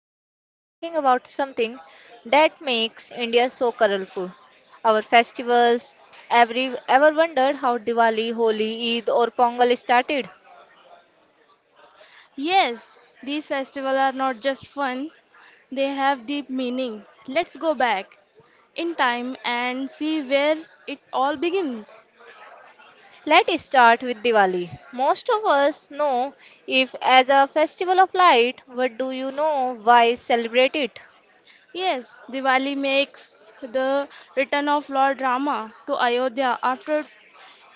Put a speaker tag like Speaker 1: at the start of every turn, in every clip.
Speaker 1: Today we are talking about something that makes India so colorful. Our festivals. Every ever wondered how Diwali, Holi, Eid or Pongal started?
Speaker 2: Yes, these festivals are not just fun, they have deep meaning. Let's go back in time and see where it all begins.
Speaker 1: Let us start with Diwali. Most of us know if as a festival of light, but do you know why celebrate it?
Speaker 2: Yes, Diwali makes the return of Lord Rama to Ayodhya after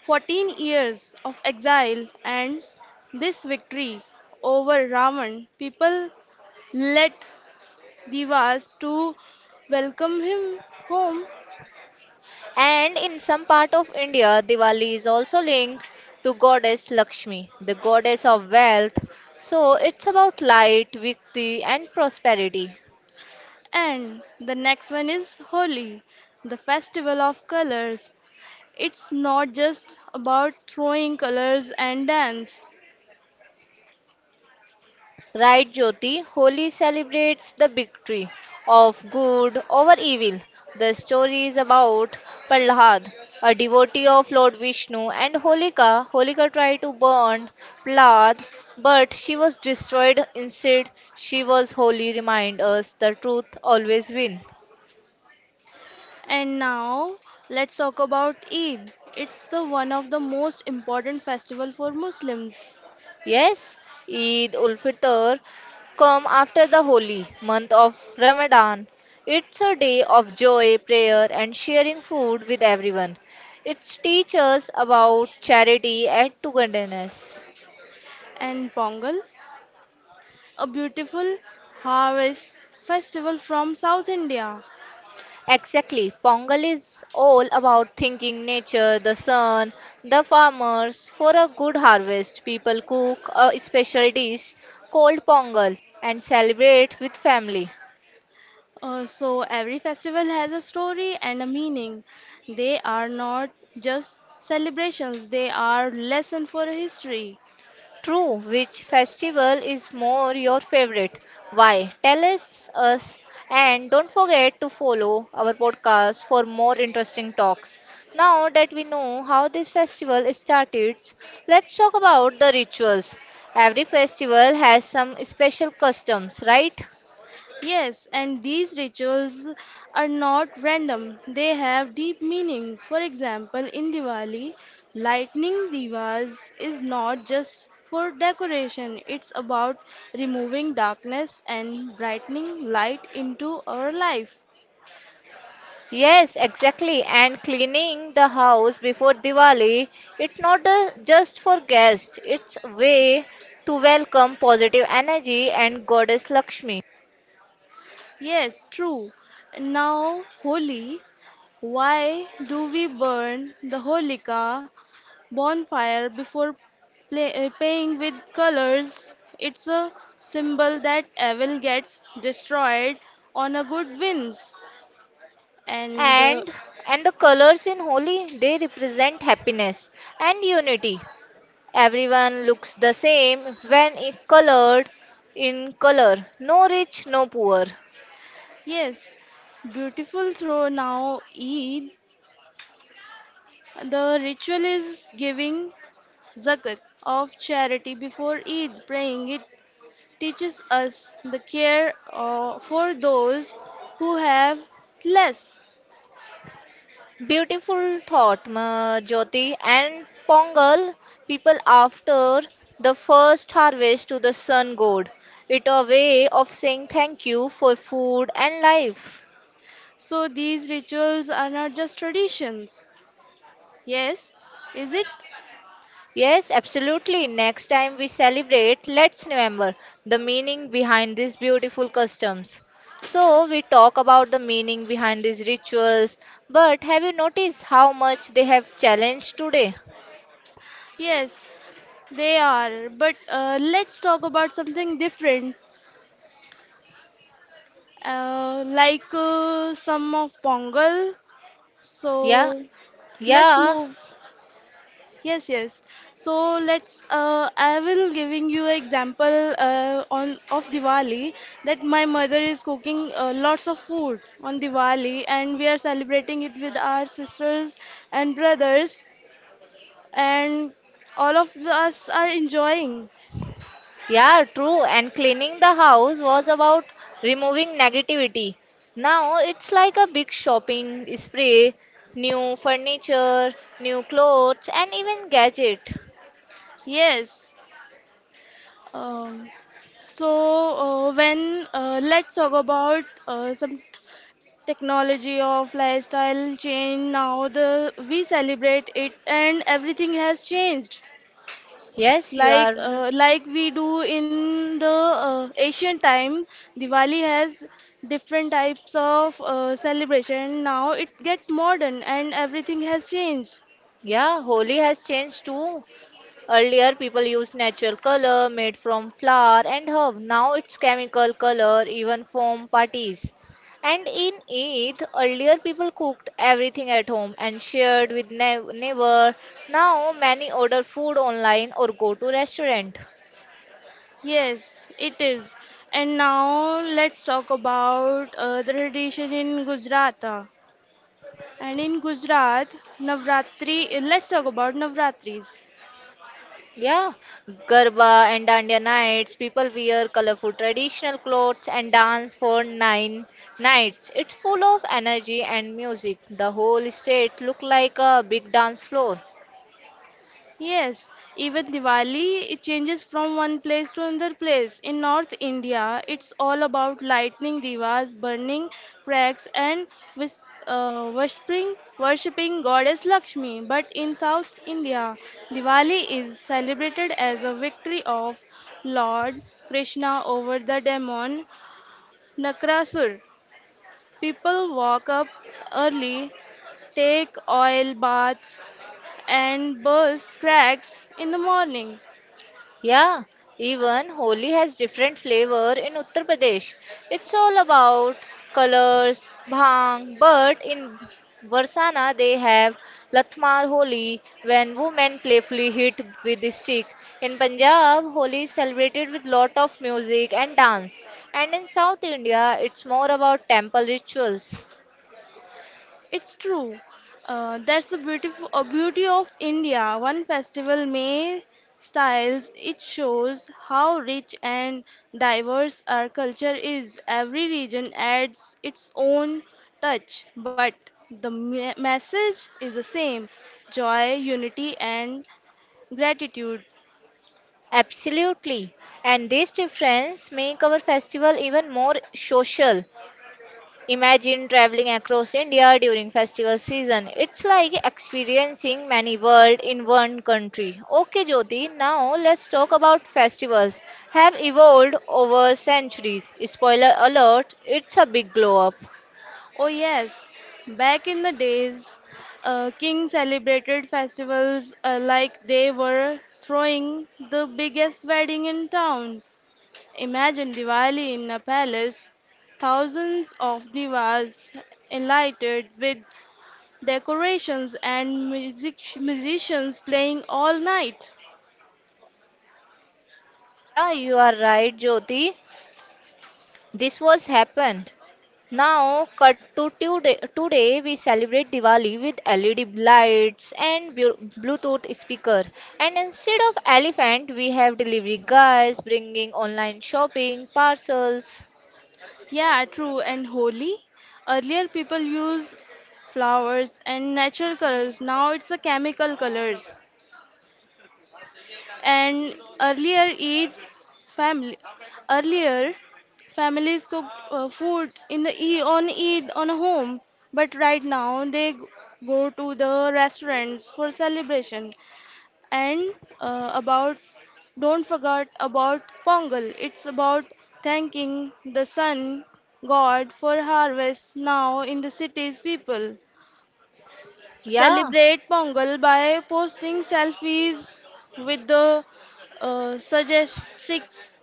Speaker 2: 14 years of exile and this victory over Ravan. People let Devas to welcome him home.
Speaker 1: And in some part of India, Diwali is also linked to goddess Lakshmi, the goddess of wealth. So it's about light, victory, and prosperity.
Speaker 2: And the next one is Holi, the festival of colors. It's not just about throwing colors and dance.
Speaker 1: Right, Jyoti? Holi celebrates the victory of good over evil. The story is about Prahlad, a devotee of Lord Vishnu, and Holika. Holika tried to burn Prahlad, but she was destroyed. Instead, she was holy. Remind us the truth always wins.
Speaker 2: And now let's talk about Eid. It's the one of the most important festival for Muslims.
Speaker 1: Yes, Eid ul Fitr come after the holy month of Ramadan. It's a day of joy, prayer and sharing food with everyone. It teaches us about charity and togetherness.
Speaker 2: And Pongal, a beautiful harvest festival from South India.
Speaker 1: Exactly. Pongal is all about thinking nature, the sun, the farmers. For a good harvest, people cook a special dish called pongal and celebrate with family.
Speaker 2: So every festival has a story and a meaning. They are not just celebrations, they are lesson for history.
Speaker 1: True, which festival is more your favorite? Why? Tell us and don't forget to follow our podcast for more interesting talks. Now that we know how this festival started, let's talk about the rituals. Every festival has some special customs, right?
Speaker 2: Yes, and these rituals are not random. They have deep meanings. For example, in Diwali, lighting divas is not just for decoration. It's about removing darkness and brightening light into our life.
Speaker 1: Yes, exactly. And cleaning the house before Diwali, it's not just for guests, it's a way to welcome positive energy and goddess Lakshmi.
Speaker 2: Yes, true. Now, Holi, why do we burn the Holika bonfire before playing with colors? It's a symbol that evil gets destroyed on a good wins. And
Speaker 1: And and the colors in Holi, they represent happiness and unity. Everyone looks the same when it colored in color. No rich, no poor.
Speaker 2: Yes, beautiful throw now Eid. The ritual is giving zakat of charity before Eid praying. It teaches us the care for those who have less.
Speaker 1: Beautiful thought, Jyoti. And Pongal, people after the first harvest to the sun god. It a way of saying thank you for food and life.
Speaker 2: So these rituals are not just traditions. Yes, is it?
Speaker 1: Yes, absolutely. Next time we celebrate, let's remember the meaning behind these beautiful customs. So, we talk about the meaning behind these rituals, but have you noticed how much they have challenged today?
Speaker 2: Yes, they are. But let's talk about something different, like some of Pongal.
Speaker 1: Yeah,
Speaker 2: So let's
Speaker 1: yeah.
Speaker 2: move. Yes, yes. So let's. I will giving you example on of Diwali that my mother is cooking lots of food on Diwali, and we are celebrating it with our sisters and brothers, and all of us are enjoying.
Speaker 1: Yeah, true. And cleaning the house was about removing negativity. Now it's like a big shopping spree, new furniture, new clothes, and even gadget.
Speaker 2: Yes. Um, so when let's talk about some technology of lifestyle change now the we celebrate it and everything has changed
Speaker 1: Yes, you are.
Speaker 2: like we do in the ancient time. Diwali has different types of celebration now it get modern and everything has changed.
Speaker 1: Yeah, Holi has changed too. Earlier, people used natural color made from flower and herb. Now it's chemical color, even foam parties. And in Eid, earlier people cooked everything at home and shared with neighbor. Now many order food online or go to restaurant.
Speaker 2: Yes, it is. And now let's talk about the tradition in Gujarat. And in Gujarat, Navratri, let's talk about Navratris.
Speaker 1: Yeah, Garba and Dandiya nights. People wear colorful traditional clothes and dance for nine nights. It's full of energy and music. The whole state look like a big dance floor.
Speaker 2: Yes, even Diwali it changes from one place to another place. In North India, it's all about lighting divas, burning cracks, and wis- worshipping goddess Lakshmi. But in South India, Diwali is celebrated as a victory of Lord Krishna over the demon Nakrasur. People walk up early, take oil baths, and burst cracks in the morning.
Speaker 1: Yeah, even Holi has different flavor in Uttar Pradesh. It's all about colors, bhang, but in Varsana they have Latmar Holi when women playfully hit with the stick. In Punjab, Holi is celebrated with lot of music and dance. And in South India, it's more about temple rituals.
Speaker 2: It's true. That's the beautiful beauty of India. One festival may styles. It shows how rich and diverse our culture is. Every region adds its own touch, but the message is the same: joy, unity, and gratitude.
Speaker 1: Absolutely. And this difference make our festival even more social. Imagine traveling across India during festival season. It's like experiencing many worlds in one country. Okay, Jyoti, now let's talk about festivals. Have evolved over centuries. Spoiler alert, it's a big glow up.
Speaker 2: Oh, yes. Back in the days, kings celebrated festivals like they were throwing the biggest wedding in town. Imagine Diwali in a palace, thousands of divas enlightened with decorations and musicians playing all night.
Speaker 1: Yeah, you are right, Jyoti. This was happened. Now, cut to today. Today we celebrate Diwali with LED lights and Bluetooth speaker. And instead of elephant, we have delivery guys bringing online shopping parcels.
Speaker 2: Yeah, true. And Holi? Earlier people used flowers and natural colors. Now it's the chemical colors, and earlier each family earlier families cooked food in the on Eid on a home, but right now they go to the restaurants for celebration. And uh, about don't forget about Pongal, it's about thanking the sun god for harvest. Now in the cities people
Speaker 1: Yeah.
Speaker 2: celebrate Pongal by posting selfies with the suggestics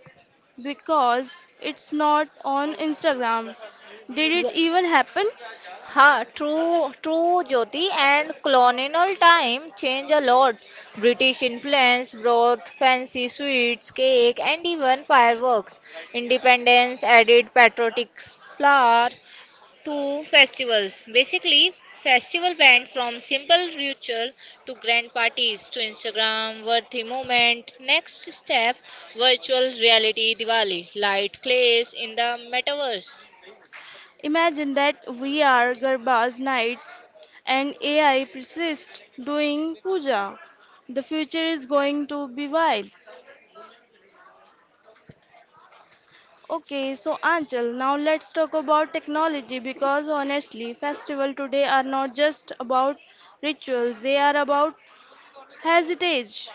Speaker 2: because it's not on Instagram. Did
Speaker 1: Yeah.
Speaker 2: it even happen?
Speaker 1: Ha, true, true, Jyoti, and colonial time changed a lot. British influence brought fancy sweets, cake, and even fireworks. Independence added patriotic flower, to festivals. Basically, festival went from simple ritual to grand parties to Instagram worthy moment. Next step, virtual reality Diwali, light clays in the metaverse.
Speaker 2: Imagine that we are Garba's knights and AI persists doing puja. The future is going to be wild. Okay, so Anchal, now let's talk about technology because honestly, festival today are not just about rituals, they are about hesitage,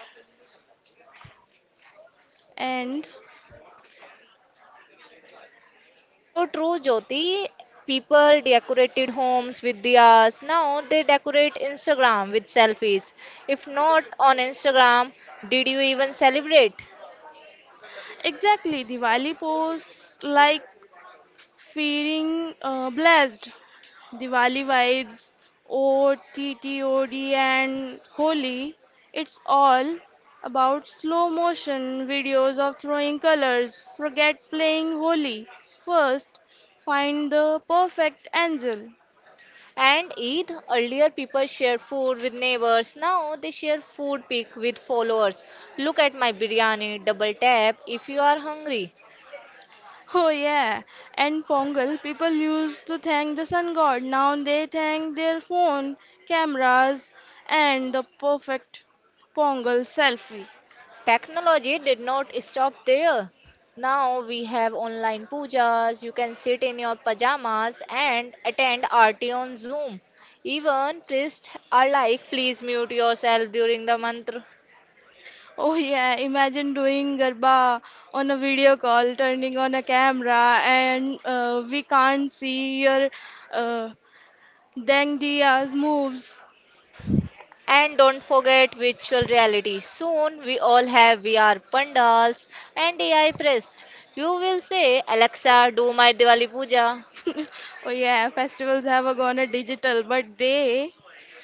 Speaker 2: and
Speaker 1: So true, Jyoti. People decorated homes with diyas. Now they decorate Instagram with selfies. If not on Instagram, did you even celebrate?
Speaker 2: exactly Diwali pose like feeling blessed. Diwali vibes, OTTOD and Holi. It's all about slow motion videos of throwing colors. Forget playing Holi. First, find the perfect angel.
Speaker 1: And Eid, earlier people shared food with neighbors. Now they share food pic with followers. Look at my biryani, double tap if you are hungry.
Speaker 2: Oh yeah, and Pongal people used to thank the sun god. Now they thank their phone, cameras, and the perfect Pongal selfie.
Speaker 1: Technology did not stop there. Now we have online pujas. You can sit in your pajamas and attend RT on Zoom. Even priests are like, please mute yourself during the mantra.
Speaker 2: Oh yeah, imagine doing garba on a video call, turning on a camera, and we can't see your uh, Dang Dia's moves.
Speaker 1: And don't forget virtual reality. Soon we all have VR pandals and AI priests. You will say, Alexa, do my Diwali puja.
Speaker 2: Oh yeah, festivals have gone a digital, but they.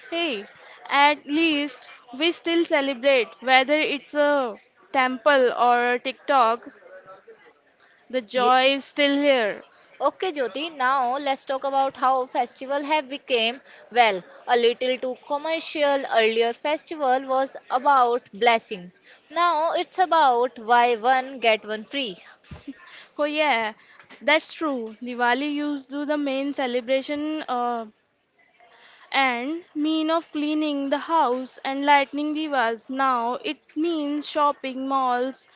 Speaker 2: Hey, at least we still celebrate, whether it's a temple or a TikTok, the
Speaker 1: Ye-
Speaker 2: joy is still here.
Speaker 1: Okay, Jyoti, now let's talk about how festival have become, well, a little too commercial. Earlier festival was about blessing. Now it's about buy one, get one free.
Speaker 2: Oh yeah, that's true. Diwali used to the main celebration and mean of cleaning the house and lighting divas. Now it means shopping malls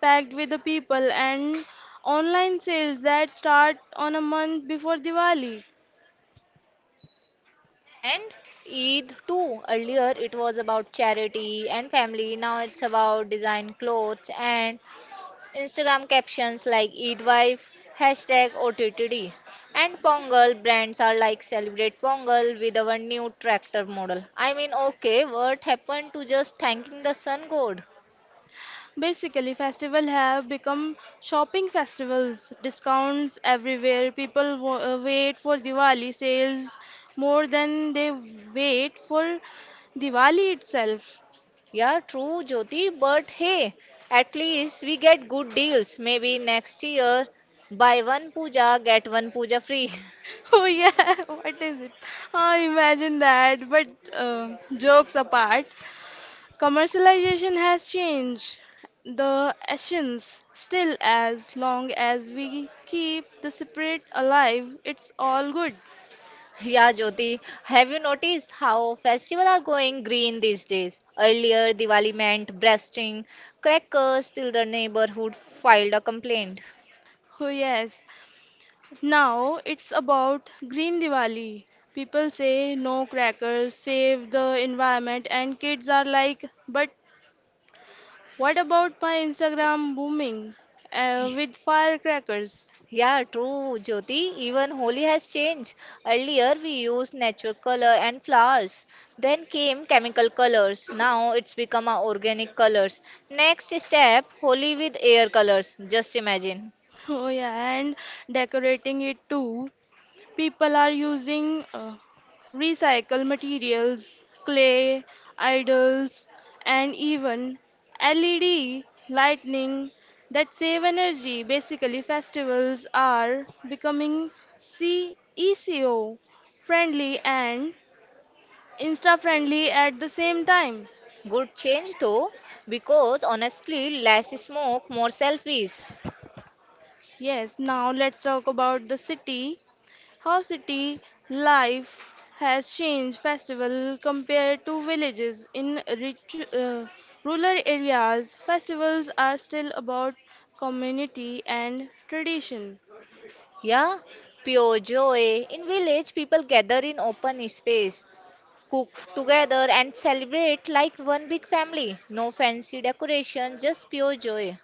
Speaker 2: packed with the people and online sales that start on a month before Diwali.
Speaker 1: And Eid too. Earlier it was about charity and family. Now it's about design clothes and Instagram captions like Eid Wife, hashtag OTTD, and Pongal brands are like celebrate Pongal with our new tractor model. I mean, okay, what happened to just thanking the sun god?
Speaker 2: Basically, festival have become shopping festivals, discounts everywhere. People wa wait for Diwali sales more than they wait for Diwali itself.
Speaker 1: Yeah, true, Jyoti, but hey, at least we get good deals. Maybe next year, buy one puja, get one puja free.
Speaker 2: Oh yeah, what is it? I imagine that. But jokes apart, commercialization has changed the essence. Still, as long as we keep the spirit alive, it's all good.
Speaker 1: Yeah, Jyoti, have you noticed how festivals are going green these days? Earlier, Diwali meant breasting, crackers till the neighborhood filed a complaint.
Speaker 2: Oh yes, now it's about Green Diwali. People say no crackers, save the environment, and kids are like, but what about my Instagram booming with firecrackers?
Speaker 1: Yeah, true, Jyoti. Even Holi has changed. Earlier, we used natural color and flowers. Then came chemical colors. Now it's become our organic colors. Next step, Holi with air colors. Just imagine.
Speaker 2: Oh, yeah, and decorating it too. People are using recycled materials, clay, idols, and even LED lighting that save energy. Basically, festivals are becoming CECO friendly and Insta friendly at the same time.
Speaker 1: Good change though, because honestly, less smoke, more selfies.
Speaker 2: Yes, now let's talk about the city. How city life has changed festival compared to villages. In rich, rural areas, festivals are still about community and tradition.
Speaker 1: Yeah, pure joy. In village, people gather in open space, cook together, and celebrate like one big family. No fancy decoration, just pure joy.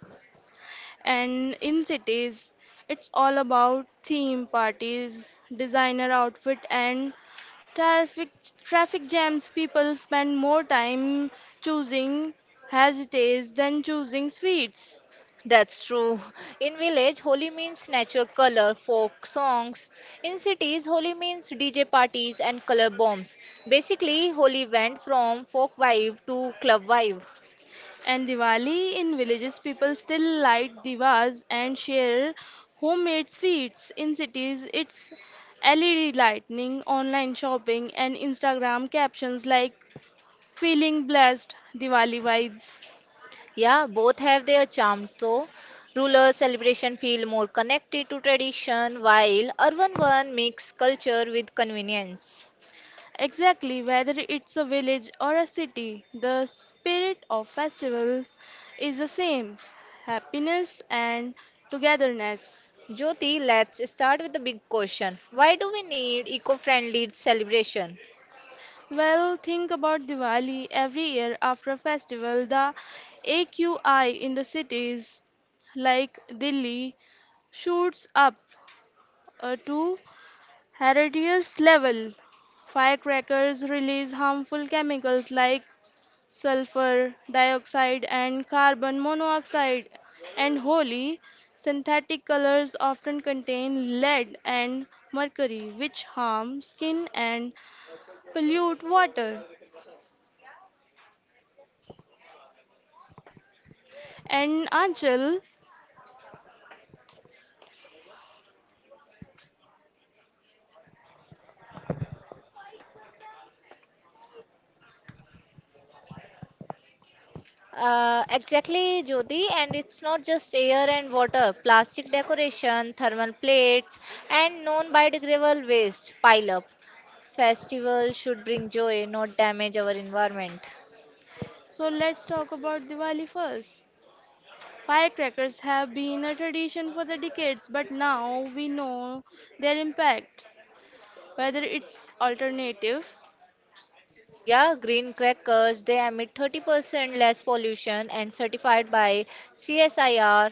Speaker 2: And in cities, it's all about theme parties, designer outfit, and traffic traffic jams. People spend more time choosing heritage than choosing sweets.
Speaker 1: That's true. In village, Holi means natural color, folk songs. In cities, Holi means DJ parties and color bombs. Basically, Holi went from folk vibe to club vibe.
Speaker 2: And Diwali in villages, people still light divas and share homemade sweets. In cities, it's LED lighting, online shopping, and Instagram captions like feeling blessed, Diwali vibes.
Speaker 1: Yeah, both have their charm though. Rural celebration feel more connected to tradition, while urban one mix culture with convenience.
Speaker 2: Exactly, whether it's a village or a city, the spirit of festivals is the same, happiness and togetherness.
Speaker 1: Jyoti, let's start with the big question. Why do we need eco-friendly celebration?
Speaker 2: Well, think about Diwali. Every year after a festival, the AQI in the cities like Delhi shoots up to hazardous level. Firecrackers release harmful chemicals like sulfur dioxide and carbon monoxide, and Holi synthetic colors often contain lead and mercury, which harm skin and pollute water. And Anchal,
Speaker 1: Exactly, Jyoti, and it's not just air and water. Plastic decoration, thermal plates, and non-biodegradable waste pile up. Festivals should bring joy, not damage our environment.
Speaker 2: so let's talk about Diwali first. Firecrackers have been a tradition for the decades, but now we know their impact, whether it's alternative.
Speaker 1: Yeah, green crackers, they emit 30% less pollution and certified by CSIR,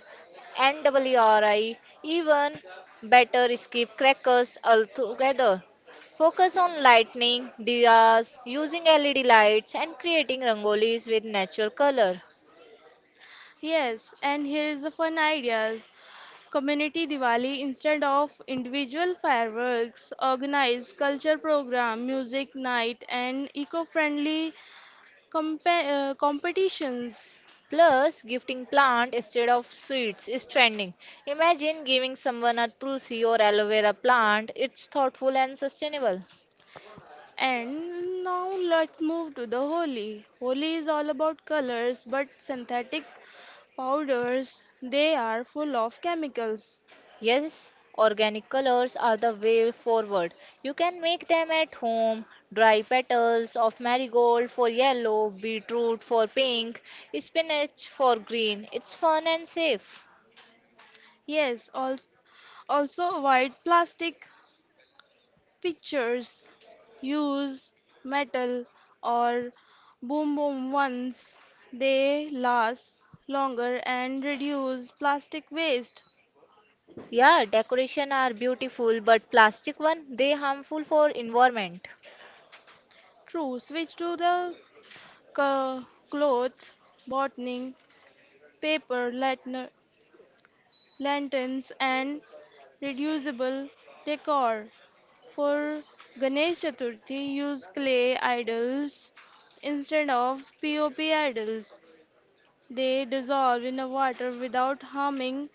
Speaker 1: NWRI, even better skip crackers altogether. Focus on lighting, diyas, using LED lights and creating rangolis with natural color.
Speaker 2: Yes, and here's the fun ideas. Community Diwali instead of individual fireworks, organize culture program, music night, and eco-friendly competitions.
Speaker 1: Plus, gifting plant instead of sweets is trending. Imagine giving someone a tulsi or aloe vera plant. It's thoughtful and sustainable.
Speaker 2: And now let's move to the Holi. Holi is all about colors, but synthetic powders, they are full of chemicals.
Speaker 1: Yes, organic colors are the way forward. You can make them at home. Dry petals of marigold for yellow, beetroot for pink, spinach for green. It's fun and safe.
Speaker 2: Yes, also, white plastic pictures use metal or boom boom ones. They last longer and reduce plastic waste.
Speaker 1: Yeah, decoration are beautiful, but plastic one they harmful for environment.
Speaker 2: True, switch to the co- cloth, botany, paper, lanterns, and reducible decor. For Ganesh Chaturthi, use clay idols instead of POP idols. They dissolve in the water without harming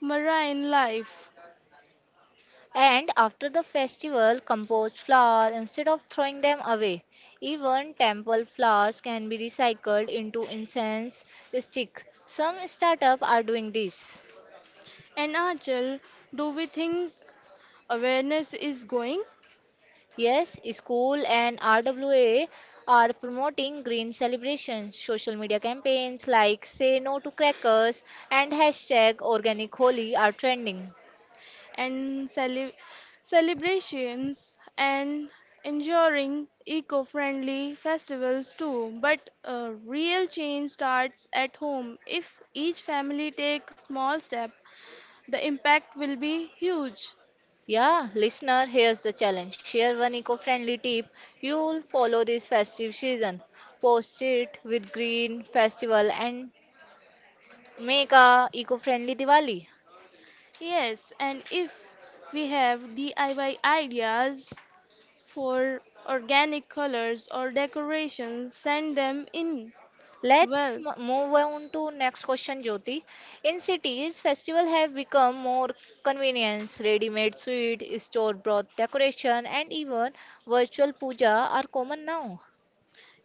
Speaker 2: marine life.
Speaker 1: And after the festival, compost flower instead of throwing them away. Even temple flowers can be recycled into incense stick. Some startup are doing this.
Speaker 2: And Achal, do we think awareness is going?
Speaker 1: Yes, school and RWA are promoting green celebrations. Social media campaigns like Say No to Crackers and hashtag Organic Holi are trending.
Speaker 2: and cele- Celebrations and ensuring eco friendly festivals too. But a real change starts at home. If each family takes small step, the impact will be huge.
Speaker 1: Yeah, listener, here's the challenge. Share one eco-friendly tip you'll follow this festive season. Post it with Green Festival and make a eco-friendly Diwali.
Speaker 2: Yes, and if we have DIY ideas for organic colors or decorations, send them in.
Speaker 1: Let's
Speaker 2: Well,
Speaker 1: move on to next question, Jyoti. In cities, festivals have become more convenience. Ready-made sweet, store-bought decoration, and even virtual puja are common now.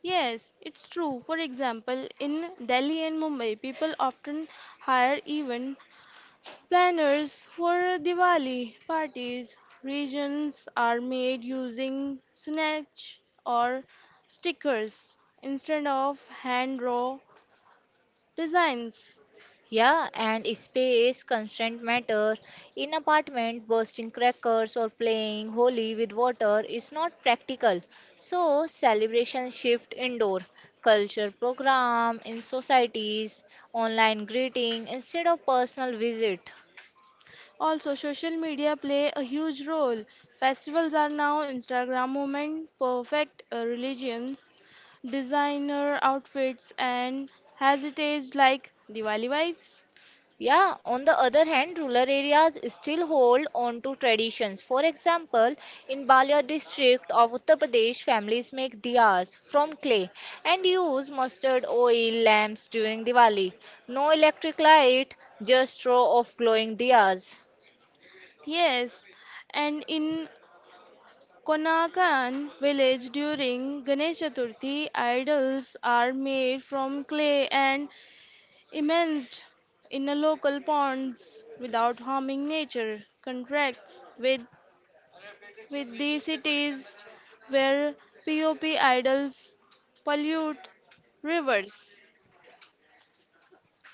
Speaker 2: yes, it's true. For example, in Delhi and Mumbai, people often hire event planners for Diwali parties. Regions are made using snatch or stickers instead of hand draw designs.
Speaker 1: Yeah, and space constraint matter. In apartment, bursting crackers or playing holy with water is not practical. So celebration shift indoor. Culture program in societies, online greeting instead of personal visit.
Speaker 2: Also, social media play a huge role. Festivals are now Instagram moment, perfect religions, designer outfits, and heritage like Diwali vibes.
Speaker 1: Yeah, on the other hand, rural areas still hold on to traditions. For example, in Balia district of Uttar Pradesh, families make diyas from clay and use mustard oil lamps during Diwali. No electric light, just row of glowing diyas.
Speaker 2: Yes, and in Konakan village during Ganesh Chaturthi, idols are made from clay and immersed in a local ponds without harming nature. Contracts with the cities where POP idols pollute rivers.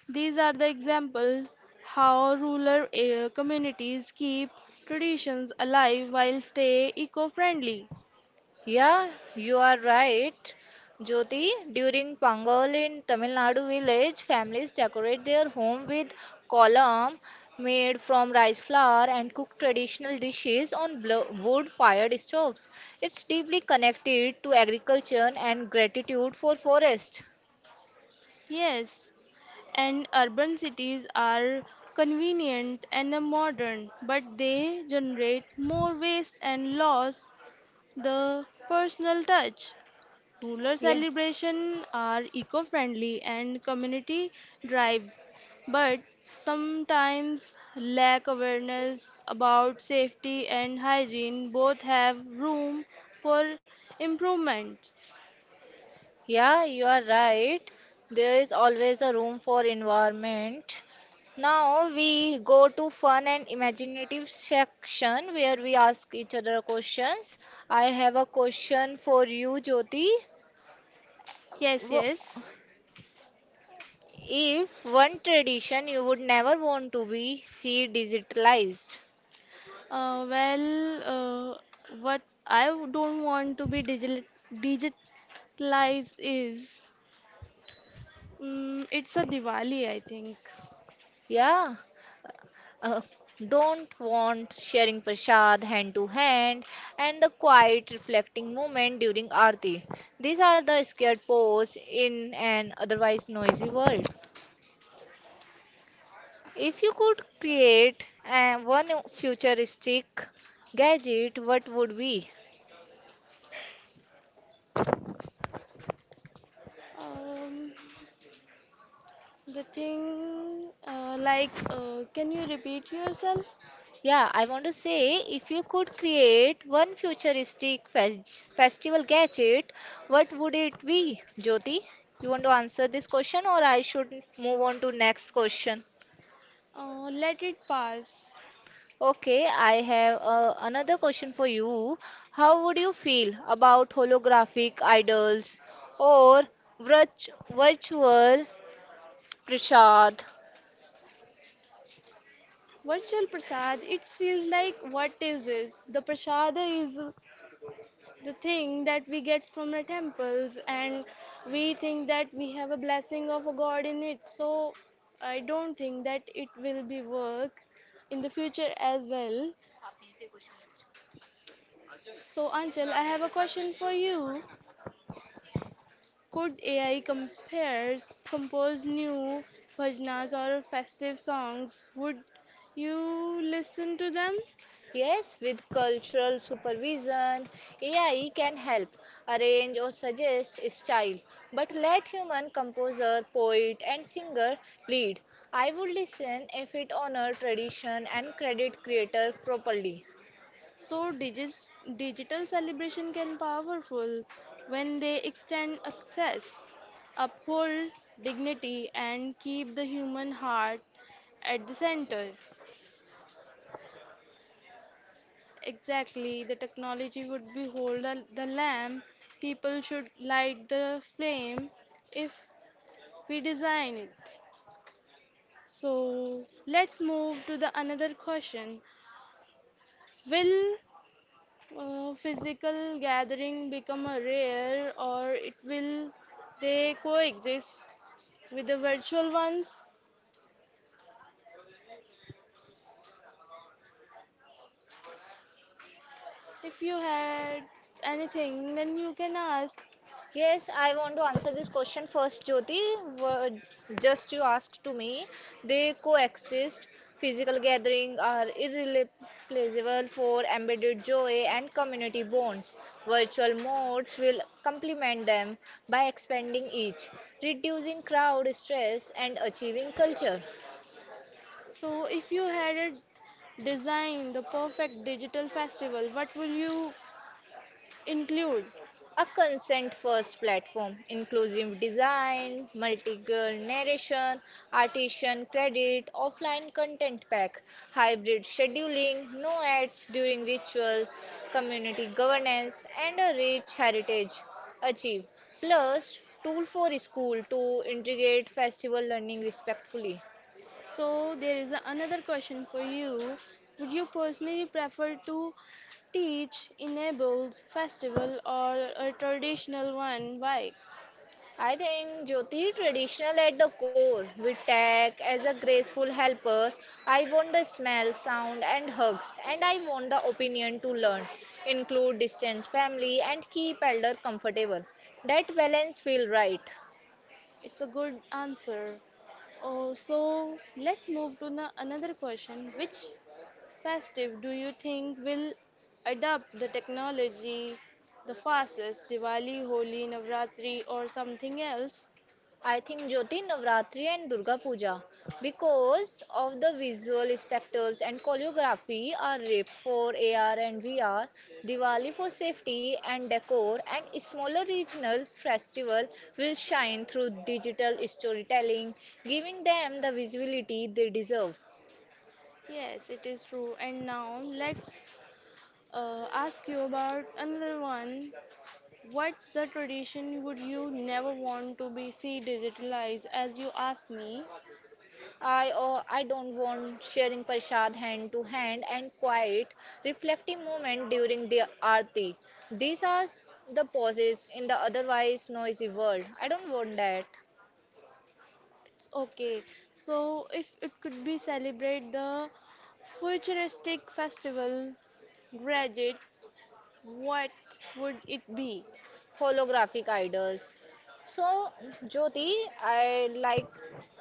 Speaker 2: These are the example how rural communities keep traditions alive while stay eco-friendly.
Speaker 1: Yeah, you are right, Jyoti. During Pongal in Tamil Nadu village, families decorate their home with kolam made from rice flour and cook traditional dishes on wood fired stoves. It's deeply connected to agriculture and gratitude for forest.
Speaker 2: Yes, and urban cities are convenient and modern, but they generate more waste and loss the personal touch. Rural
Speaker 1: Yeah.
Speaker 2: celebrations are eco-friendly and community drives, but sometimes lack awareness about safety and hygiene. Both have room for improvement.
Speaker 1: Yeah, you are right. There is always a room for environment. Now we go to fun and imaginative section where we ask each other questions. I have a question for you, Jyoti.
Speaker 2: Yes,
Speaker 1: Wh-
Speaker 2: yes.
Speaker 1: If one tradition you would never want to be see digitalized,
Speaker 2: Uh, well, uh, what I don't want to be digital digitalized is it's a Diwali, I think.
Speaker 1: yeah, uh, don't want sharing prasad hand to hand and the quiet reflecting moment during aarti, these are the scared pose in an otherwise noisy world. If you could create one futuristic gadget, what would be?
Speaker 2: Um, The thing, can you repeat yourself?
Speaker 1: Yeah, I want to say, if you could create one futuristic festival gadget, what would it be, Jyoti? You want to answer this question or I should move on to next question?
Speaker 2: Let it pass.
Speaker 1: Okay, I have another question for you. How would you feel about holographic idols or virtual prashad?
Speaker 2: Virtual prasad, it feels like what is this? The prasada is the thing that we get from the temples, and we think that we have a blessing of a god in it. So, I don't think that it will be work in the future as well. So, Anchal, I have a question for you. Could AI compares compose new bhajanas or festive songs? Would you listen to them?
Speaker 1: Yes, with cultural supervision, AI can help arrange or suggest a style, but let human composer, poet, and singer lead. I would listen if it honor tradition and credit creator properly.
Speaker 2: So digis, Digital celebration can powerful when they extend access, uphold dignity and keep the human heart at the center. Exactly, the technology would be hold the lamp. People should light the flame if we design it. So let's move to the another question. Will physical gathering become a rare or it will they coexist with the virtual ones? If you had anything, then you can ask.
Speaker 1: Yes, I want to answer this question first, Jyoti. Wo- Just you asked to me, they coexist. Physical gatherings are irreplaceable for embedded joy and community bonds. Virtual modes will complement them by expanding each, reducing crowd stress, and achieving culture.
Speaker 2: So if you had a design the perfect digital festival, what will you include?
Speaker 1: A consent first platform, inclusive design, multi girl narration, artisan credit, offline content pack, hybrid scheduling, no ads during rituals, community governance, and a rich heritage. Achieve. Plus, tool for school to integrate festival learning respectfully.
Speaker 2: So there is another question for you. Would you personally prefer to teach enables festival or a traditional one? Why?
Speaker 1: I think Jyoti traditional at the core, with tech as a graceful helper. I want the smell, sound, and hugs, and I want the opinion to learn, include distance, family, and keep elder comfortable. That balance feel right.
Speaker 2: It's a good answer. Oh, so let's move to another question. Which festive do you think will adopt the technology the fastest? Diwali, Holi, Navratri, or something else?
Speaker 1: I think Jyoti, Navratri, and Durga Puja because of the visual spectacles and choreography are RIP for AR and VR, Diwali for safety and decor, and smaller regional festival will shine through digital storytelling, giving them the visibility they deserve.
Speaker 2: Yes, it is true. And now let's ask you about another one. What's the tradition would you never want to be see digitalized? As you asked me,
Speaker 1: I don't want sharing prasad hand to hand and quiet reflective moment during the aarti. These are the pauses in the otherwise noisy world. I don't want that.
Speaker 2: it's okay. So if it could be celebrate the futuristic festival graduate, what would it be?
Speaker 1: Holographic idols. So, Jyoti, I like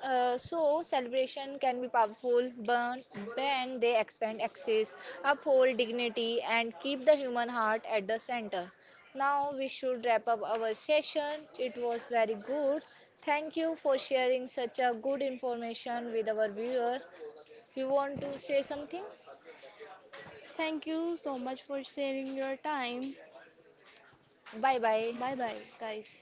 Speaker 1: so celebration can be powerful but when they expand access, uphold dignity, and keep the human heart at the center. Now we should wrap up our session. It was very good. Thank you for sharing such a good information with our viewer. You want to say something?
Speaker 2: Thank you so much for sharing your time.
Speaker 1: Bye bye.
Speaker 2: Bye bye, guys.